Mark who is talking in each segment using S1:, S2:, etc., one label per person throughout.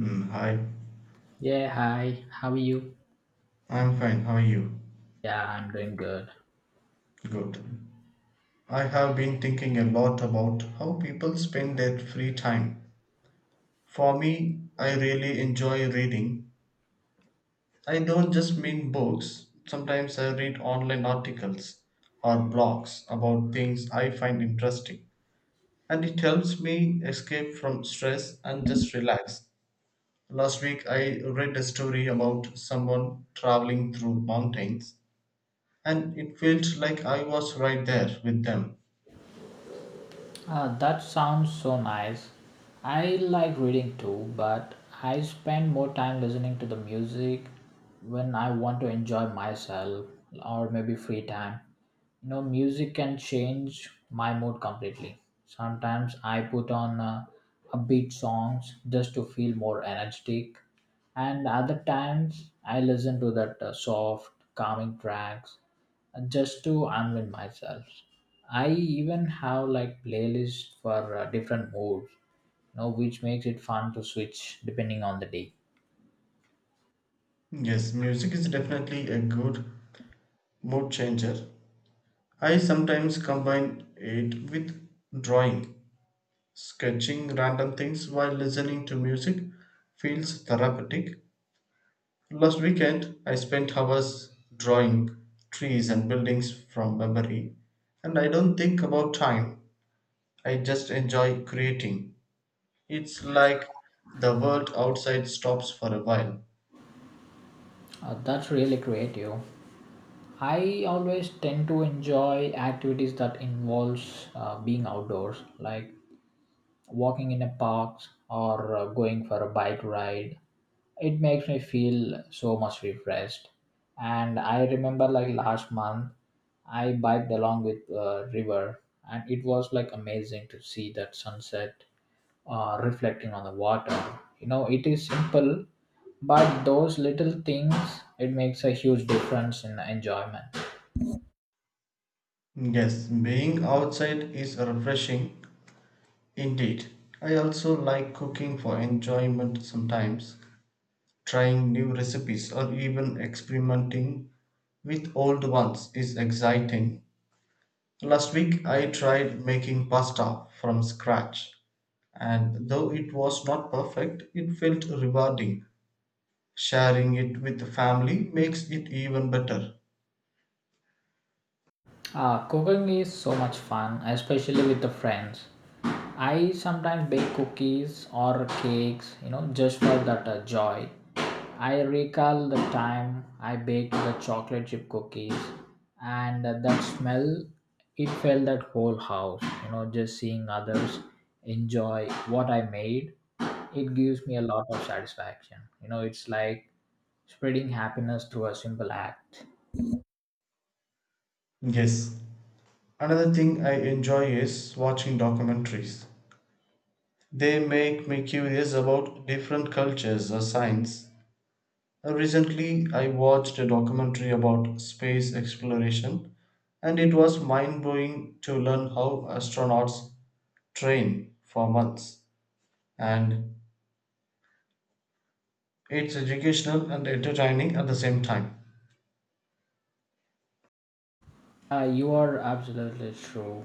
S1: Hi,
S2: Yeah, hi. How are you?
S1: I'm fine. How are you?
S2: Yeah, I'm doing good.
S1: Good. I have been thinking a lot about how people spend their free time. For me, I really enjoy reading. I don't just mean books, sometimes I read online articles or blogs about things I find interesting. And it helps me escape from stress and just relax. Last week, I read a story about someone traveling through mountains and it felt like I was right there with them.
S2: That sounds so nice. I like reading too, but I spend more time listening to the music when I want to enjoy myself or maybe free time. You know, music can change my mood completely. Sometimes I put on upbeat songs just to feel more energetic, and other times I listen to that soft, calming tracks just to unwind myself. I even have like playlists for different moods, which makes it fun to switch depending on the day.
S1: Yes, music is definitely a good mood changer. I sometimes combine it with drawing. Sketching random things while listening to music feels therapeutic. Last weekend, I spent hours drawing trees and buildings from memory, and I don't think about time. I just enjoy creating. It's like the world outside stops for a while.
S2: That's really creative. I always tend to enjoy activities that involves being outdoors, like walking in a park or going for a bike ride. It makes me feel so much refreshed, and I remember, like, last month I biked along with a river, and it was, like, amazing to see that sunset reflecting on the water. You know, it is simple, but those little things, it makes a huge difference in the enjoyment.
S1: Yes, being outside is refreshing indeed. I also like cooking for enjoyment sometimes, trying new recipes or even experimenting with old ones is exciting. Last week I tried making pasta from scratch, and though it was not perfect, it felt rewarding. Sharing it with the family makes it even better.
S2: Cooking is so much fun, especially with the friends. I sometimes bake cookies or cakes, you know, just for that joy. I recall the time I baked the chocolate chip cookies, and that smell, it felt that whole house. You know, just seeing others enjoy what I made, it gives me a lot of satisfaction. You know, it's like spreading happiness through a simple act.
S1: Yes, another thing I enjoy is watching documentaries. They make me curious about different cultures or science. Recently, I watched a documentary about space exploration, and it was mind blowing to learn how astronauts train for months. And it's educational and entertaining at the same time.
S2: You are absolutely true.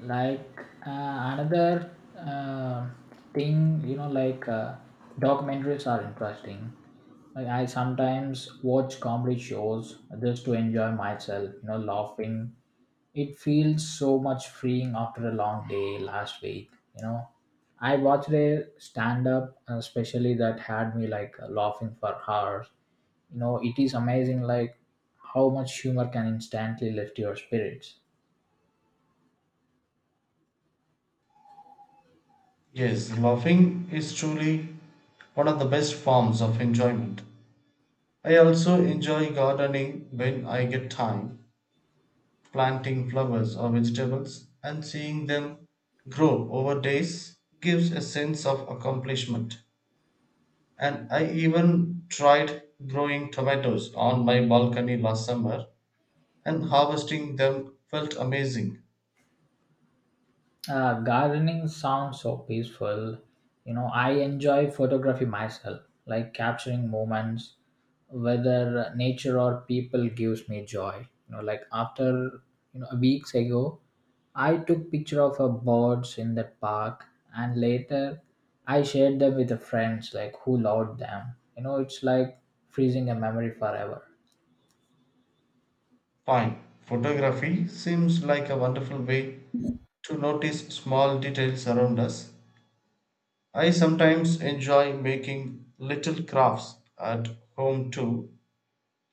S2: Like another thing, you know, like documentaries are interesting. Like I sometimes watch comedy shows just to enjoy myself, you know, laughing. It feels so much freeing after a long day last week, you know. I watched a stand up, especially that had me like laughing for hours. You know, it is amazing, like, how much humor can instantly lift your spirits.
S1: Yes, laughing is truly one of the best forms of enjoyment. I also enjoy gardening when I get time. Planting flowers or vegetables and seeing them grow over days gives a sense of accomplishment. And I even tried growing tomatoes on my balcony last summer, and harvesting them felt amazing.
S2: Gardening sounds so peaceful. You know, I enjoy photography myself, like capturing moments whether nature or people gives me joy. You know, like after, weeks ago I took picture of a birds in the park, and later I shared them with the friends, like, who loved them. You know, it's like freezing a memory forever.
S1: Fine. Photography seems like a wonderful way to notice small details around us. I sometimes enjoy making little crafts at home too,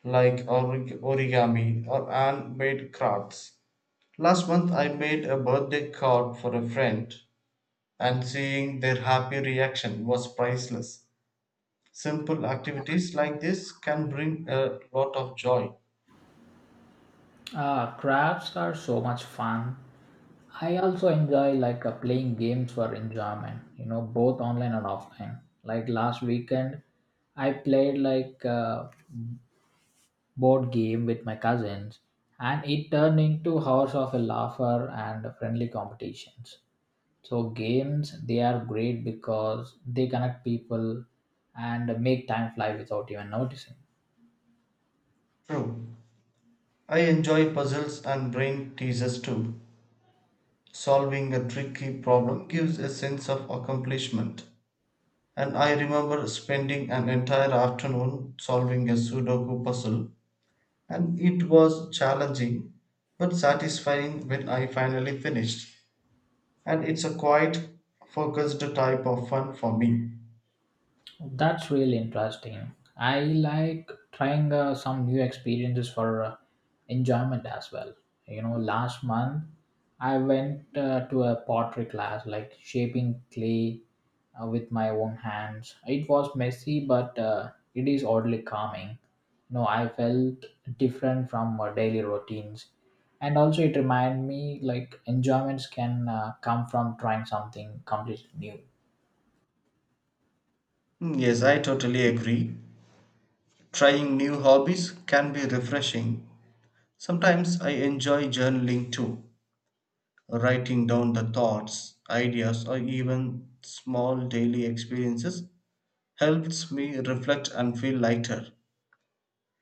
S1: like origami or handmade crafts. Last month, I made a birthday card for a friend, and seeing their happy reaction was priceless. Simple activities like this can bring a lot of joy.
S2: Ah, crafts are so much fun. I also enjoy like playing games for enjoyment, you know, both online and offline. Like last weekend, I played like a board game with my cousins, and it turned into hours of a laughter and friendly competitions. So games, they are great because they connect people and make time fly without even noticing.
S1: True. I enjoy puzzles and brain teasers too. Solving a tricky problem gives a sense of accomplishment. And I remember spending an entire afternoon solving a Sudoku puzzle and it was challenging but satisfying when I finally finished. And it's a quite focused type of fun for me.
S2: That's really interesting. I like trying some new experiences for enjoyment as well. You know, last month I went to a pottery class, like shaping clay with my own hands. It was messy, but it is oddly calming. You know, I felt different from daily routines, and also it reminded me like enjoyments can come from trying something completely new.
S1: Yes, I totally agree. Trying new hobbies can be refreshing. Sometimes I enjoy journaling too, writing down the thoughts, ideas, or even small daily experiences helps me reflect and feel lighter.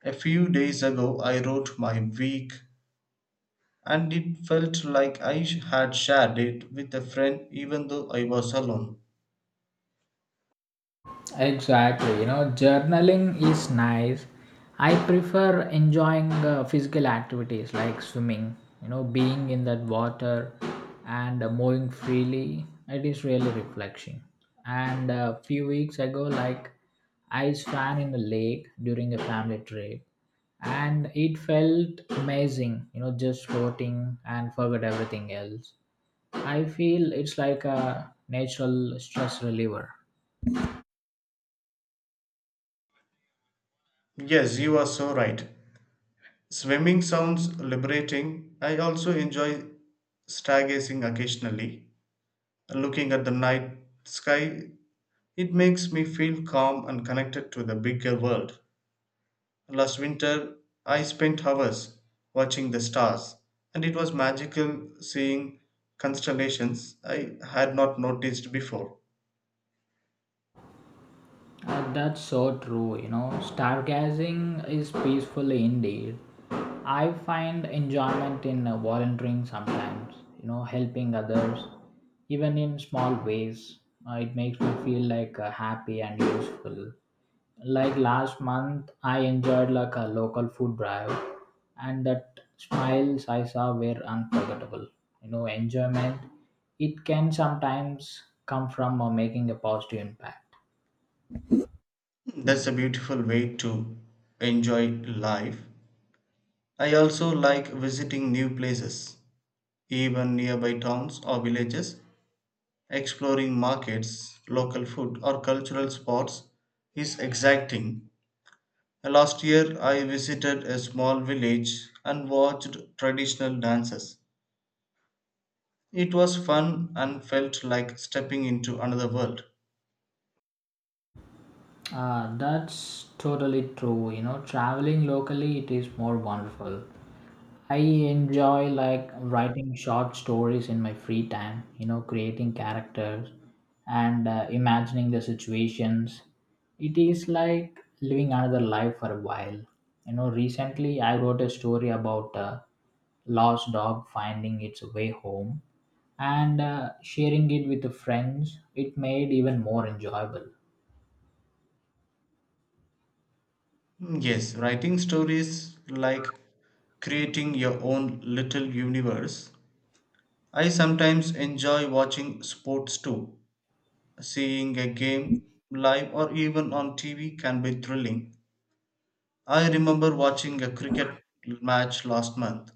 S1: A few days ago, I wrote my week and it felt like had shared it with a friend even though I was alone.
S2: Exactly. You know, journaling is nice. I prefer enjoying physical activities like swimming, you know, being in that water and moving freely. It is really refreshing. And a few weeks ago, like, I swam in a lake during a family trip, and it felt amazing, you know, just floating and forget everything else. I feel it's like a natural stress reliever.
S1: Yes, you are so right. Swimming sounds liberating. I also enjoy stargazing occasionally, looking at the night sky. It makes me feel calm and connected to the bigger world. Last winter, I spent hours watching the stars, and it was magical seeing constellations I had not noticed before.
S2: That's so true, you know. Stargazing is peaceful indeed. I find enjoyment in volunteering sometimes, you know, helping others, even in small ways. It makes me feel like happy and useful. Like last month, I enjoyed like a local food drive, and that smiles I saw were unforgettable. You know, enjoyment, it can sometimes come from making a positive impact.
S1: That's a beautiful way to enjoy life. I also like visiting new places, even nearby towns or villages. Exploring markets, local food, or cultural spots is exciting. Last year, I visited a small village and watched traditional dances. It was fun and felt like stepping into another world.
S2: Ah, that's totally true. You know, traveling locally, it is more wonderful. I enjoy like writing short stories in my free time, you know, creating characters and imagining the situations. It is like living another life for a while. You know, recently I wrote a story about a lost dog finding its way home and sharing it with the friends. It made even more enjoyable.
S1: Yes, writing stories like creating your own little universe. I sometimes enjoy watching sports too. Seeing a game live or even on TV can be thrilling. I remember watching a cricket match last month,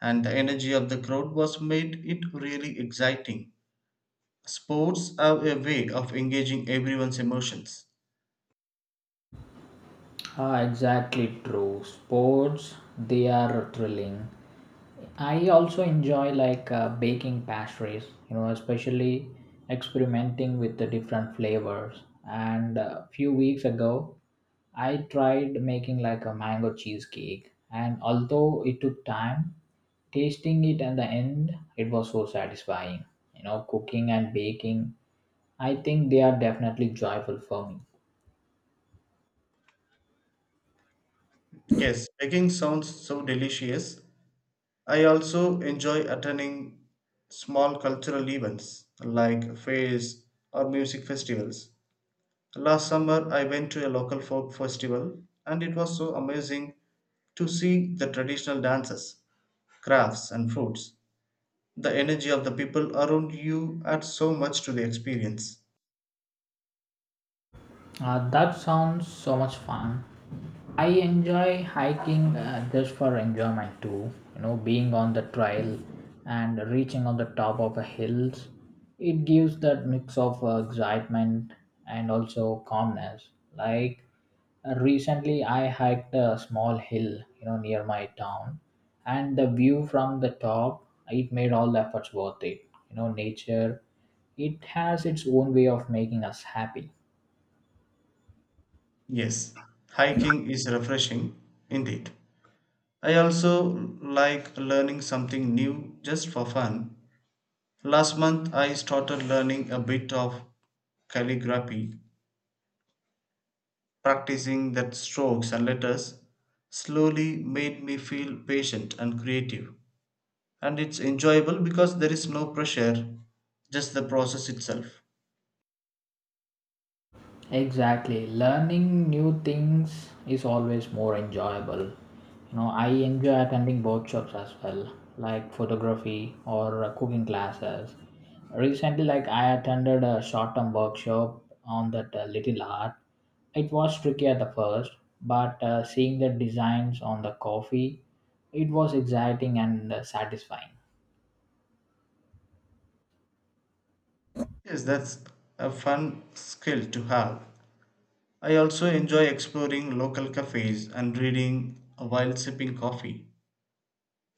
S1: and the energy of the crowd was made it really exciting. Sports have a way of engaging everyone's emotions.
S2: Ah, exactly true. Sports, they are thrilling. I also enjoy like baking pastries, you know, especially experimenting with the different flavors. And a few weeks ago, I tried making like a mango cheesecake. And although it took time, tasting it at the end, it was so satisfying. You know, cooking and baking, I think they are definitely joyful for me.
S1: Yes, baking sounds so delicious. I also enjoy attending small cultural events like fairs or music festivals. Last summer I went to a local folk festival and it was so amazing to see the traditional dances, crafts and foods. The energy of the people around you adds so much to the experience.
S2: That sounds so much fun. I enjoy hiking just for enjoyment too. You know, being on the trail and reaching on the top of a hills, it gives that mix of excitement and also calmness. Like recently, I hiked a small hill, you know, near my town, and the view from the top, it made all the efforts worth it. You know, nature, it has its own way of making us happy.
S1: Yes, hiking is refreshing indeed. I also like learning something new just for fun. Last month I started learning a bit of calligraphy. Practicing that strokes and letters slowly made me feel patient and creative. And it's enjoyable because there is no pressure, just the process itself.
S2: Exactly. Learning new things is always more enjoyable. You know, I enjoy attending workshops as well, like photography or cooking classes. Recently, like I attended a short-term workshop on that little art. It was tricky at the first, but seeing the designs on the coffee, it was exciting and satisfying.
S1: Yes, that's a fun skill to have. I also enjoy exploring local cafes and reading while sipping coffee.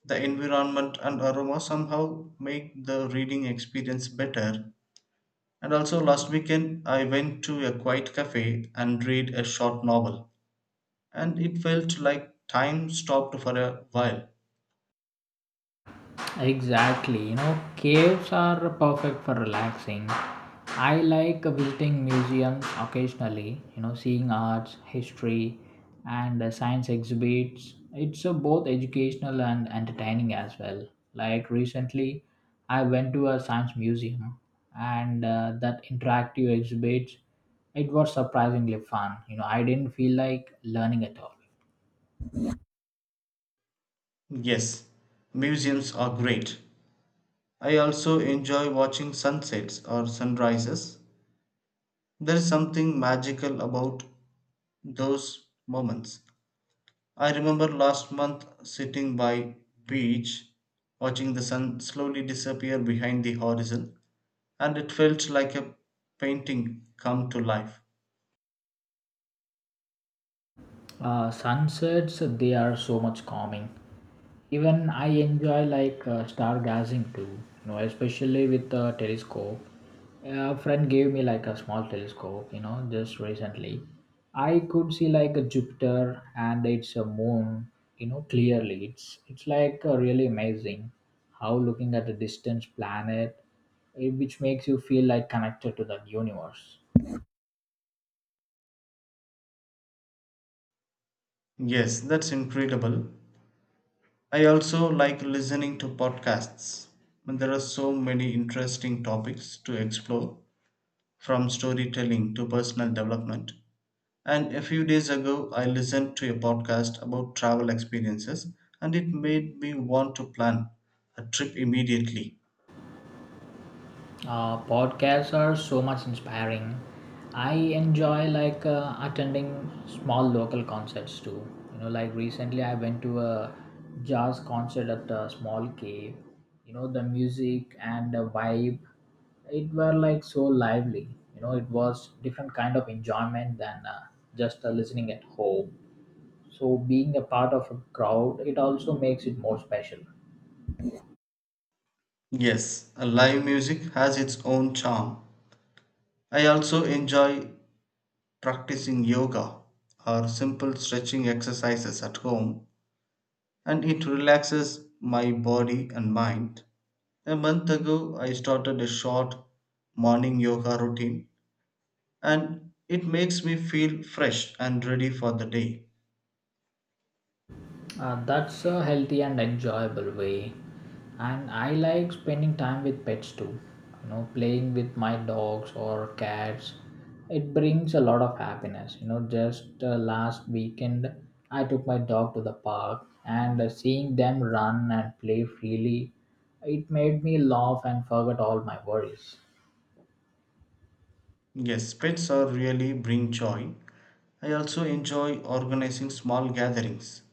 S1: The environment and aroma somehow make the reading experience better. And also, last weekend, I went to a quiet cafe and read a short novel, and it felt like time stopped for a while.
S2: Exactly, you know, caves are perfect for relaxing. I like visiting museums occasionally, you know, seeing arts, history, and science exhibits. It's both educational and entertaining as well. Like recently, I went to a science museum, and that interactive exhibits, it was surprisingly fun. You know, I didn't feel like learning at all.
S1: Yes, museums are great. I also enjoy watching sunsets or sunrises. There is something magical about those moments. I remember last month sitting by beach watching the sun slowly disappear behind the horizon and it felt like a painting come to life.
S2: Sunsets, they are so much calming. Even I enjoy like stargazing too, you know, especially with the telescope. A friend gave me like a small telescope, you know, just recently. I could see like a Jupiter and its a moon, you know, clearly. It's like really amazing how looking at a distant planet, which makes you feel like connected to the universe.
S1: Yes, that's incredible. I also like listening to podcasts. There are so many interesting topics to explore, from storytelling to personal development. And a few days ago, I listened to a podcast about travel experiences, and it made me want to plan a trip immediately.
S2: Podcasts are so much inspiring. I enjoy like attending small local concerts too. You know, like recently I went to a jazz concert at a small cave. You know, the music and the vibe, it were like so lively. You know, it was different kind of enjoyment than just listening at home. So being a part of a crowd, it also makes it more special.
S1: Yes, a live music has its own charm. I also enjoy practicing yoga or simple stretching exercises at home and it relaxes my body and mind. A month ago, I started a short morning yoga routine and it makes me feel fresh and ready for the day.
S2: That's a healthy and enjoyable way. And I like spending time with pets too. You know, playing with my dogs or cats. It brings a lot of happiness. You know, just last weekend, I took my dog to the park and seeing them run and play freely, it made me laugh and forget all my worries.
S1: Yes, pets are really bring joy. I also enjoy organizing small gatherings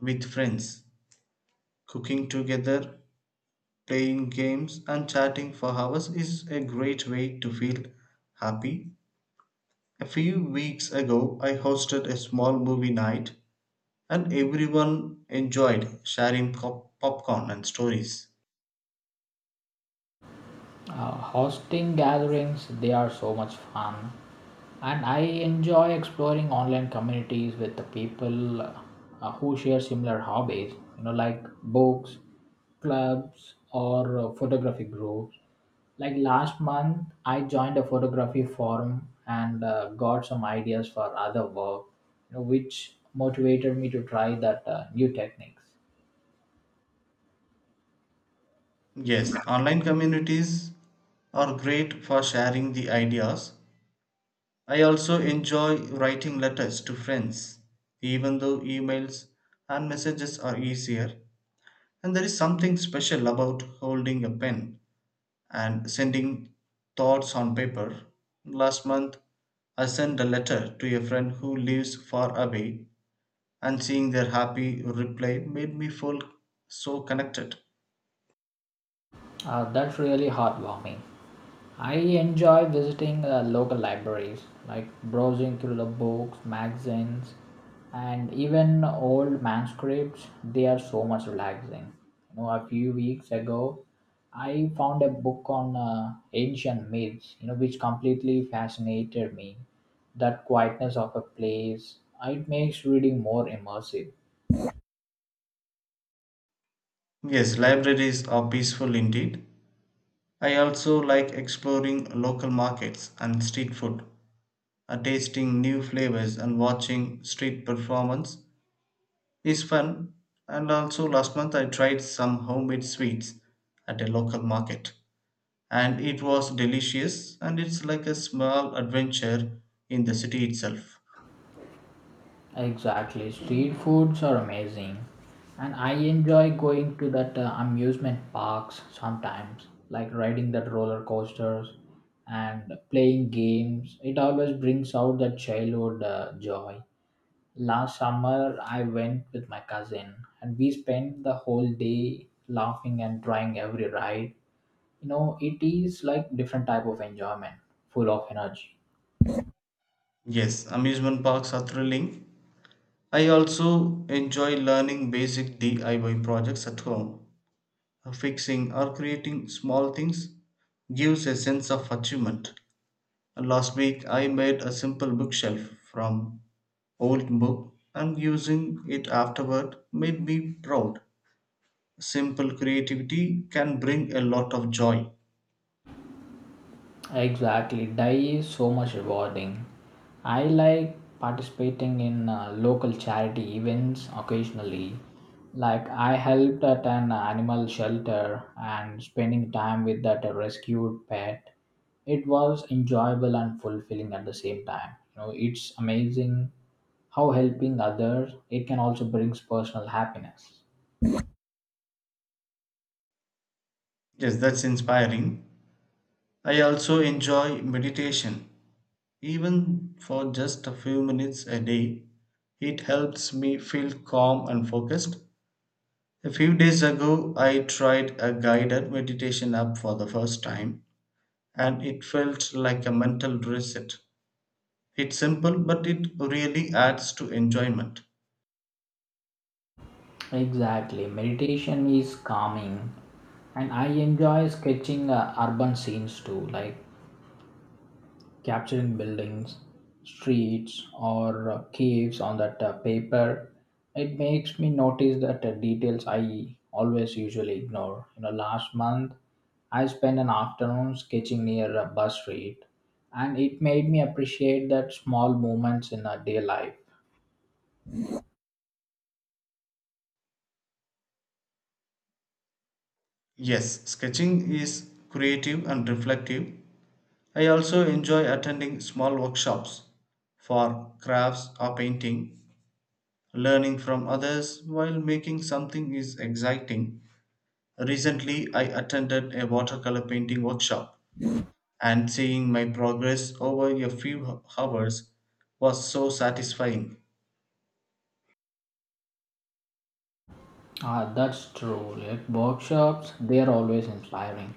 S1: with friends. Cooking together, playing games, and chatting for hours is a great way to feel happy. A few weeks ago, I hosted a small movie night and everyone enjoyed sharing popcorn and stories.
S2: Hosting gatherings, they are so much fun. And I enjoy exploring online communities with the people who share similar hobbies. You know, like books, clubs, or photography groups. Like last month, I joined a photography forum and got some ideas for other work, you know, which motivated me to try that new techniques.
S1: Yes, online communities are great for sharing the ideas. I also enjoy writing letters to friends, even though emails and messages are easier. And there is something special about holding a pen and sending thoughts on paper. Last month, I sent a letter to a friend who lives far away and seeing their happy reply made me feel so connected.
S2: That's really heartwarming. I enjoy visiting local libraries, like browsing through the books, magazines, and even old manuscripts. They are so much relaxing. You know, a few weeks ago, I found a book on ancient myths, you know, which completely fascinated me. That quietness of a place, it makes reading more immersive.
S1: Yes, libraries are peaceful indeed. I also like exploring local markets and street food. Tasting new flavors and watching street performance is fun. And also, last month I tried some homemade sweets at a local market, and it was delicious. And it's like a small adventure in the city itself.
S2: Exactly. Street foods are amazing. And I enjoy going to that amusement parks sometimes, like riding that roller coasters and playing games. It always brings out that childhood joy. Last summer, I went with my cousin, and we spent the whole day laughing and trying every ride. You know, it is like different type of enjoyment, full of energy.
S1: Yes, amusement parks are thrilling. I also enjoy learning basic DIY projects at home. Fixing or creating small things gives a sense of achievement. Last week I made a simple bookshelf from old book and using it afterward made me proud. Simple creativity can bring a lot of joy.
S2: Exactly, die is so much rewarding. I like participating in local charity events occasionally. Like I helped at an animal shelter and spending time with that rescued pet. It was enjoyable and fulfilling at the same time. You know, it's amazing how helping others it can also brings personal happiness.
S1: Yes, that's inspiring. I also enjoy meditation. Even for just a few minutes a day, it helps me feel calm and focused. A few days ago, I tried a guided meditation app for the first time, and it felt like a mental reset. It's simple, but it really adds to enjoyment.
S2: Exactly. Meditation is calming, and I enjoy sketching urban scenes too, like capturing buildings, streets, or caves on that paper. It makes me notice that details I always usually ignore. You know, last month I spent an afternoon sketching near a bus street, and it made me appreciate that small moments in a day life.
S1: Yes, sketching is creative and reflective. I also enjoy attending small workshops for crafts or painting. Learning from others while making something is exciting. Recently, I attended a watercolor painting workshop, and seeing my progress over a few hours was so satisfying.
S2: Ah, that's true. Like workshops, they are always inspiring.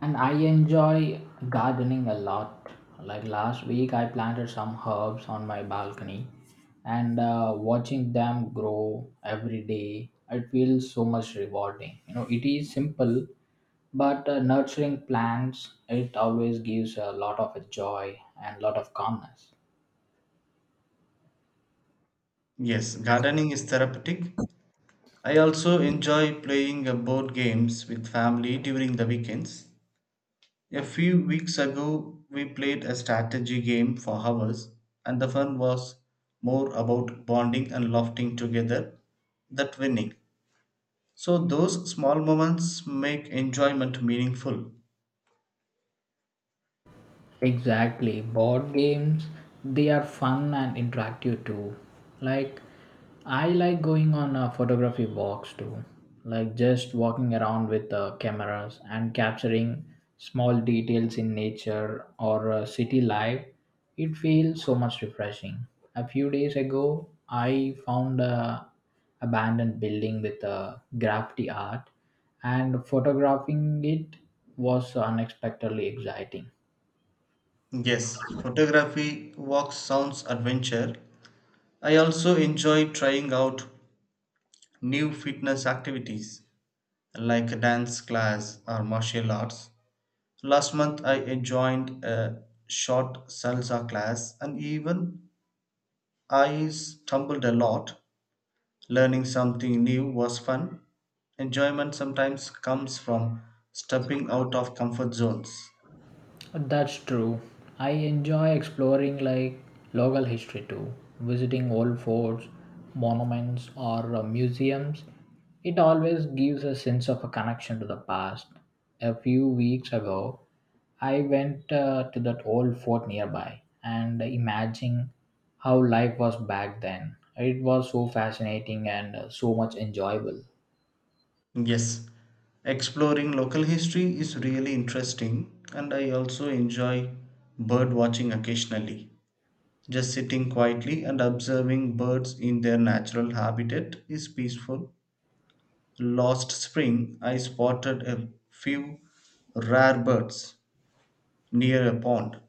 S2: And I enjoy gardening a lot. Like last week, I planted some herbs on my balcony, and watching them grow every day, it feels so much rewarding. You know, it is simple, but nurturing plants, it always gives a lot of joy and lot of calmness.
S1: Yes, gardening is therapeutic. I also enjoy playing board games with family during the weekends. A few weeks ago, we played a strategy game for hours, and the fun was more about bonding and laughing together than winning. So, those small moments make enjoyment meaningful.
S2: Exactly. Board games, they are fun and interactive too. Like, I like going on a photography walks too. Like, just walking around with cameras and capturing small details in nature or city life. It feels so much refreshing. A few days ago, I found a abandoned building with graffiti art, and photographing it was unexpectedly exciting.
S1: Yes, photography, walks, sounds adventure. I also enjoy trying out new fitness activities like a dance class or martial arts. Last month, I joined a short salsa class, and even I stumbled a lot. Learning something new was fun. Enjoyment sometimes comes from stepping out of comfort zones.
S2: That's true. I enjoy exploring like local history too, visiting old forts, monuments, or museums. It always gives a sense of a connection to the past. A few weeks ago, I went to that old fort nearby and imagining how life was back then. It was so fascinating and so much enjoyable.
S1: Yes, exploring local history is really interesting, and I also enjoy bird watching occasionally. Just sitting quietly and observing birds in their natural habitat is peaceful. Last spring, I spotted a few rare birds near a pond,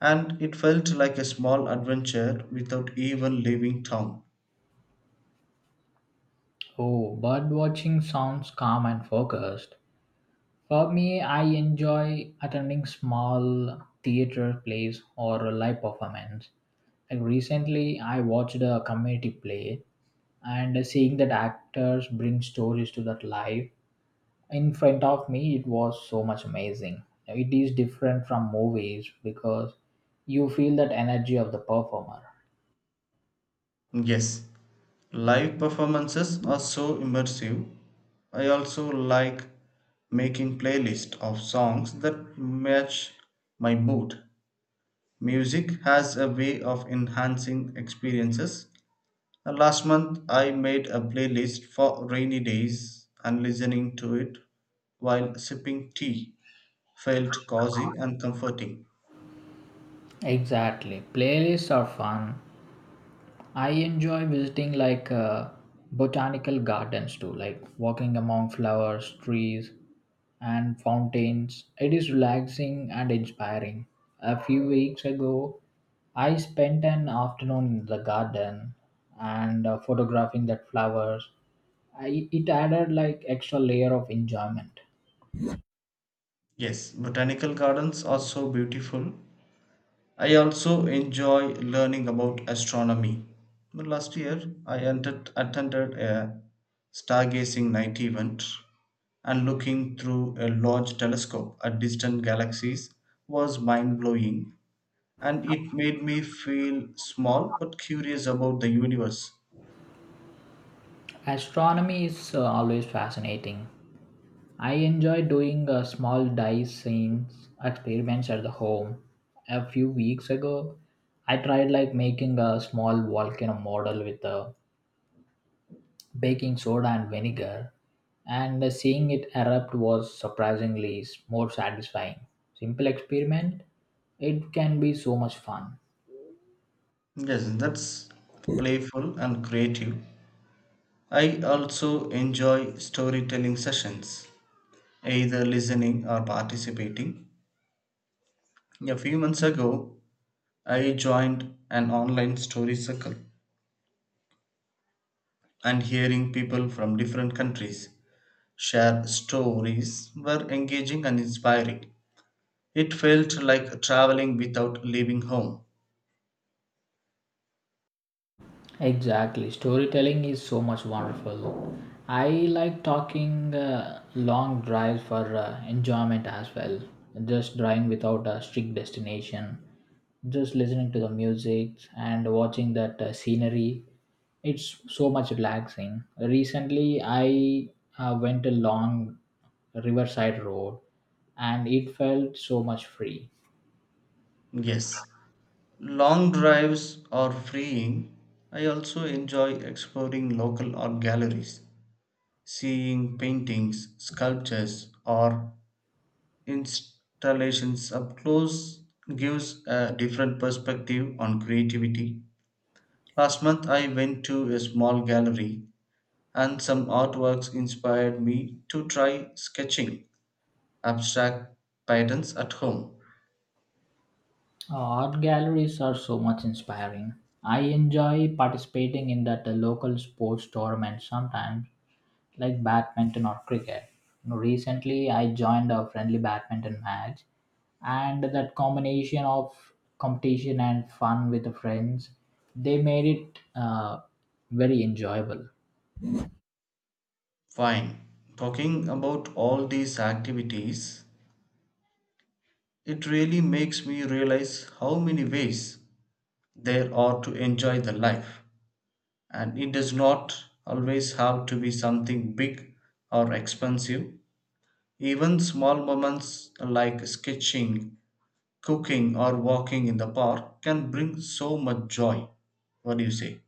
S1: and it felt like a small adventure without even leaving town.
S2: Oh, bird watching sounds calm and focused. For me, I enjoy attending small theater plays or live performance. Like recently, I watched a community play, and seeing that actors bring stories to that life in front of me, it was so much amazing. It is different from movies because you feel that energy of the performer.
S1: Yes, live performances are so immersive. I also like making playlists of songs that match my mood. Music has a way of enhancing experiences. Last month, I made a playlist for rainy days and listening to it while sipping tea felt cozy and comforting.
S2: Exactly. Playlists are fun. I enjoy visiting like botanical gardens too, like walking among flowers, trees, and fountains. It is relaxing and inspiring. A few weeks ago, I spent an afternoon in the garden and photographing that flowers. I, it added like extra layer of enjoyment.
S1: Yes, botanical gardens are so beautiful. I also enjoy learning about astronomy. Well, last year, attended a stargazing night event, and looking through a large telescope at distant galaxies was mind blowing, and it made me feel small but curious about the universe.
S2: Astronomy is always fascinating. I enjoy doing small dice scenes experiments at the home. A few weeks ago, I tried like making a small volcano model with a baking soda and vinegar, and seeing it erupt was surprisingly more satisfying. Simple experiment, it can be so much fun.
S1: Yes, that's playful and creative. I also enjoy storytelling sessions, either listening or participating. A few months ago, I joined an online story circle, and hearing people from different countries share stories were engaging and inspiring. It felt like traveling without leaving home.
S2: Exactly. Storytelling is so much wonderful. I like talking long drives for enjoyment as well. Just driving without a strict destination, just listening to the music and watching that scenery. It's so much relaxing. Recently, I went along Riverside Road, and it felt so much free.
S1: Yes, long drives are freeing. I also enjoy exploring local art galleries, seeing paintings, sculptures, or installations up close gives a different perspective on creativity. Last month, I went to a small gallery and some artworks inspired me to try sketching abstract patterns at home.
S2: Art galleries are so much inspiring. I enjoy participating in that local sports tournament sometimes, like badminton or cricket. You know, recently, I joined a friendly badminton match, and that combination of competition and fun with the friends, they made it very enjoyable.
S1: Fine. Talking about all these activities, it really makes me realize how many ways there are to enjoy the life. And it does not always have to be something big or expensive. Even small moments like sketching cooking or walking in the park can bring so much joy. What do you say?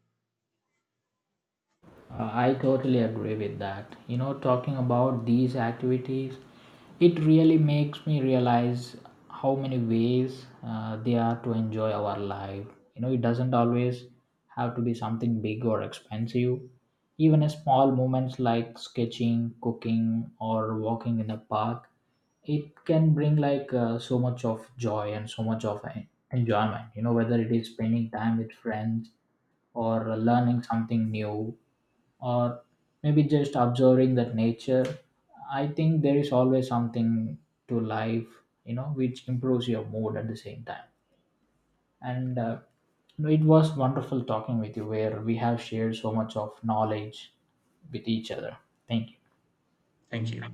S2: I totally agree with that. You know, talking about these activities, it really makes me realize how many ways there are to enjoy our life. You know, it doesn't always have to be something big or expensive. Even a small moments like sketching, cooking, or walking in a park, it can bring like so much of joy and so much of enjoyment. You know, whether it is spending time with friends or learning something new or maybe just observing that nature, I think there is always something to life, you know, which improves your mood at the same time. And no, it was wonderful talking with you where we have shared so much of knowledge with each other. Thank you.
S1: Thank you.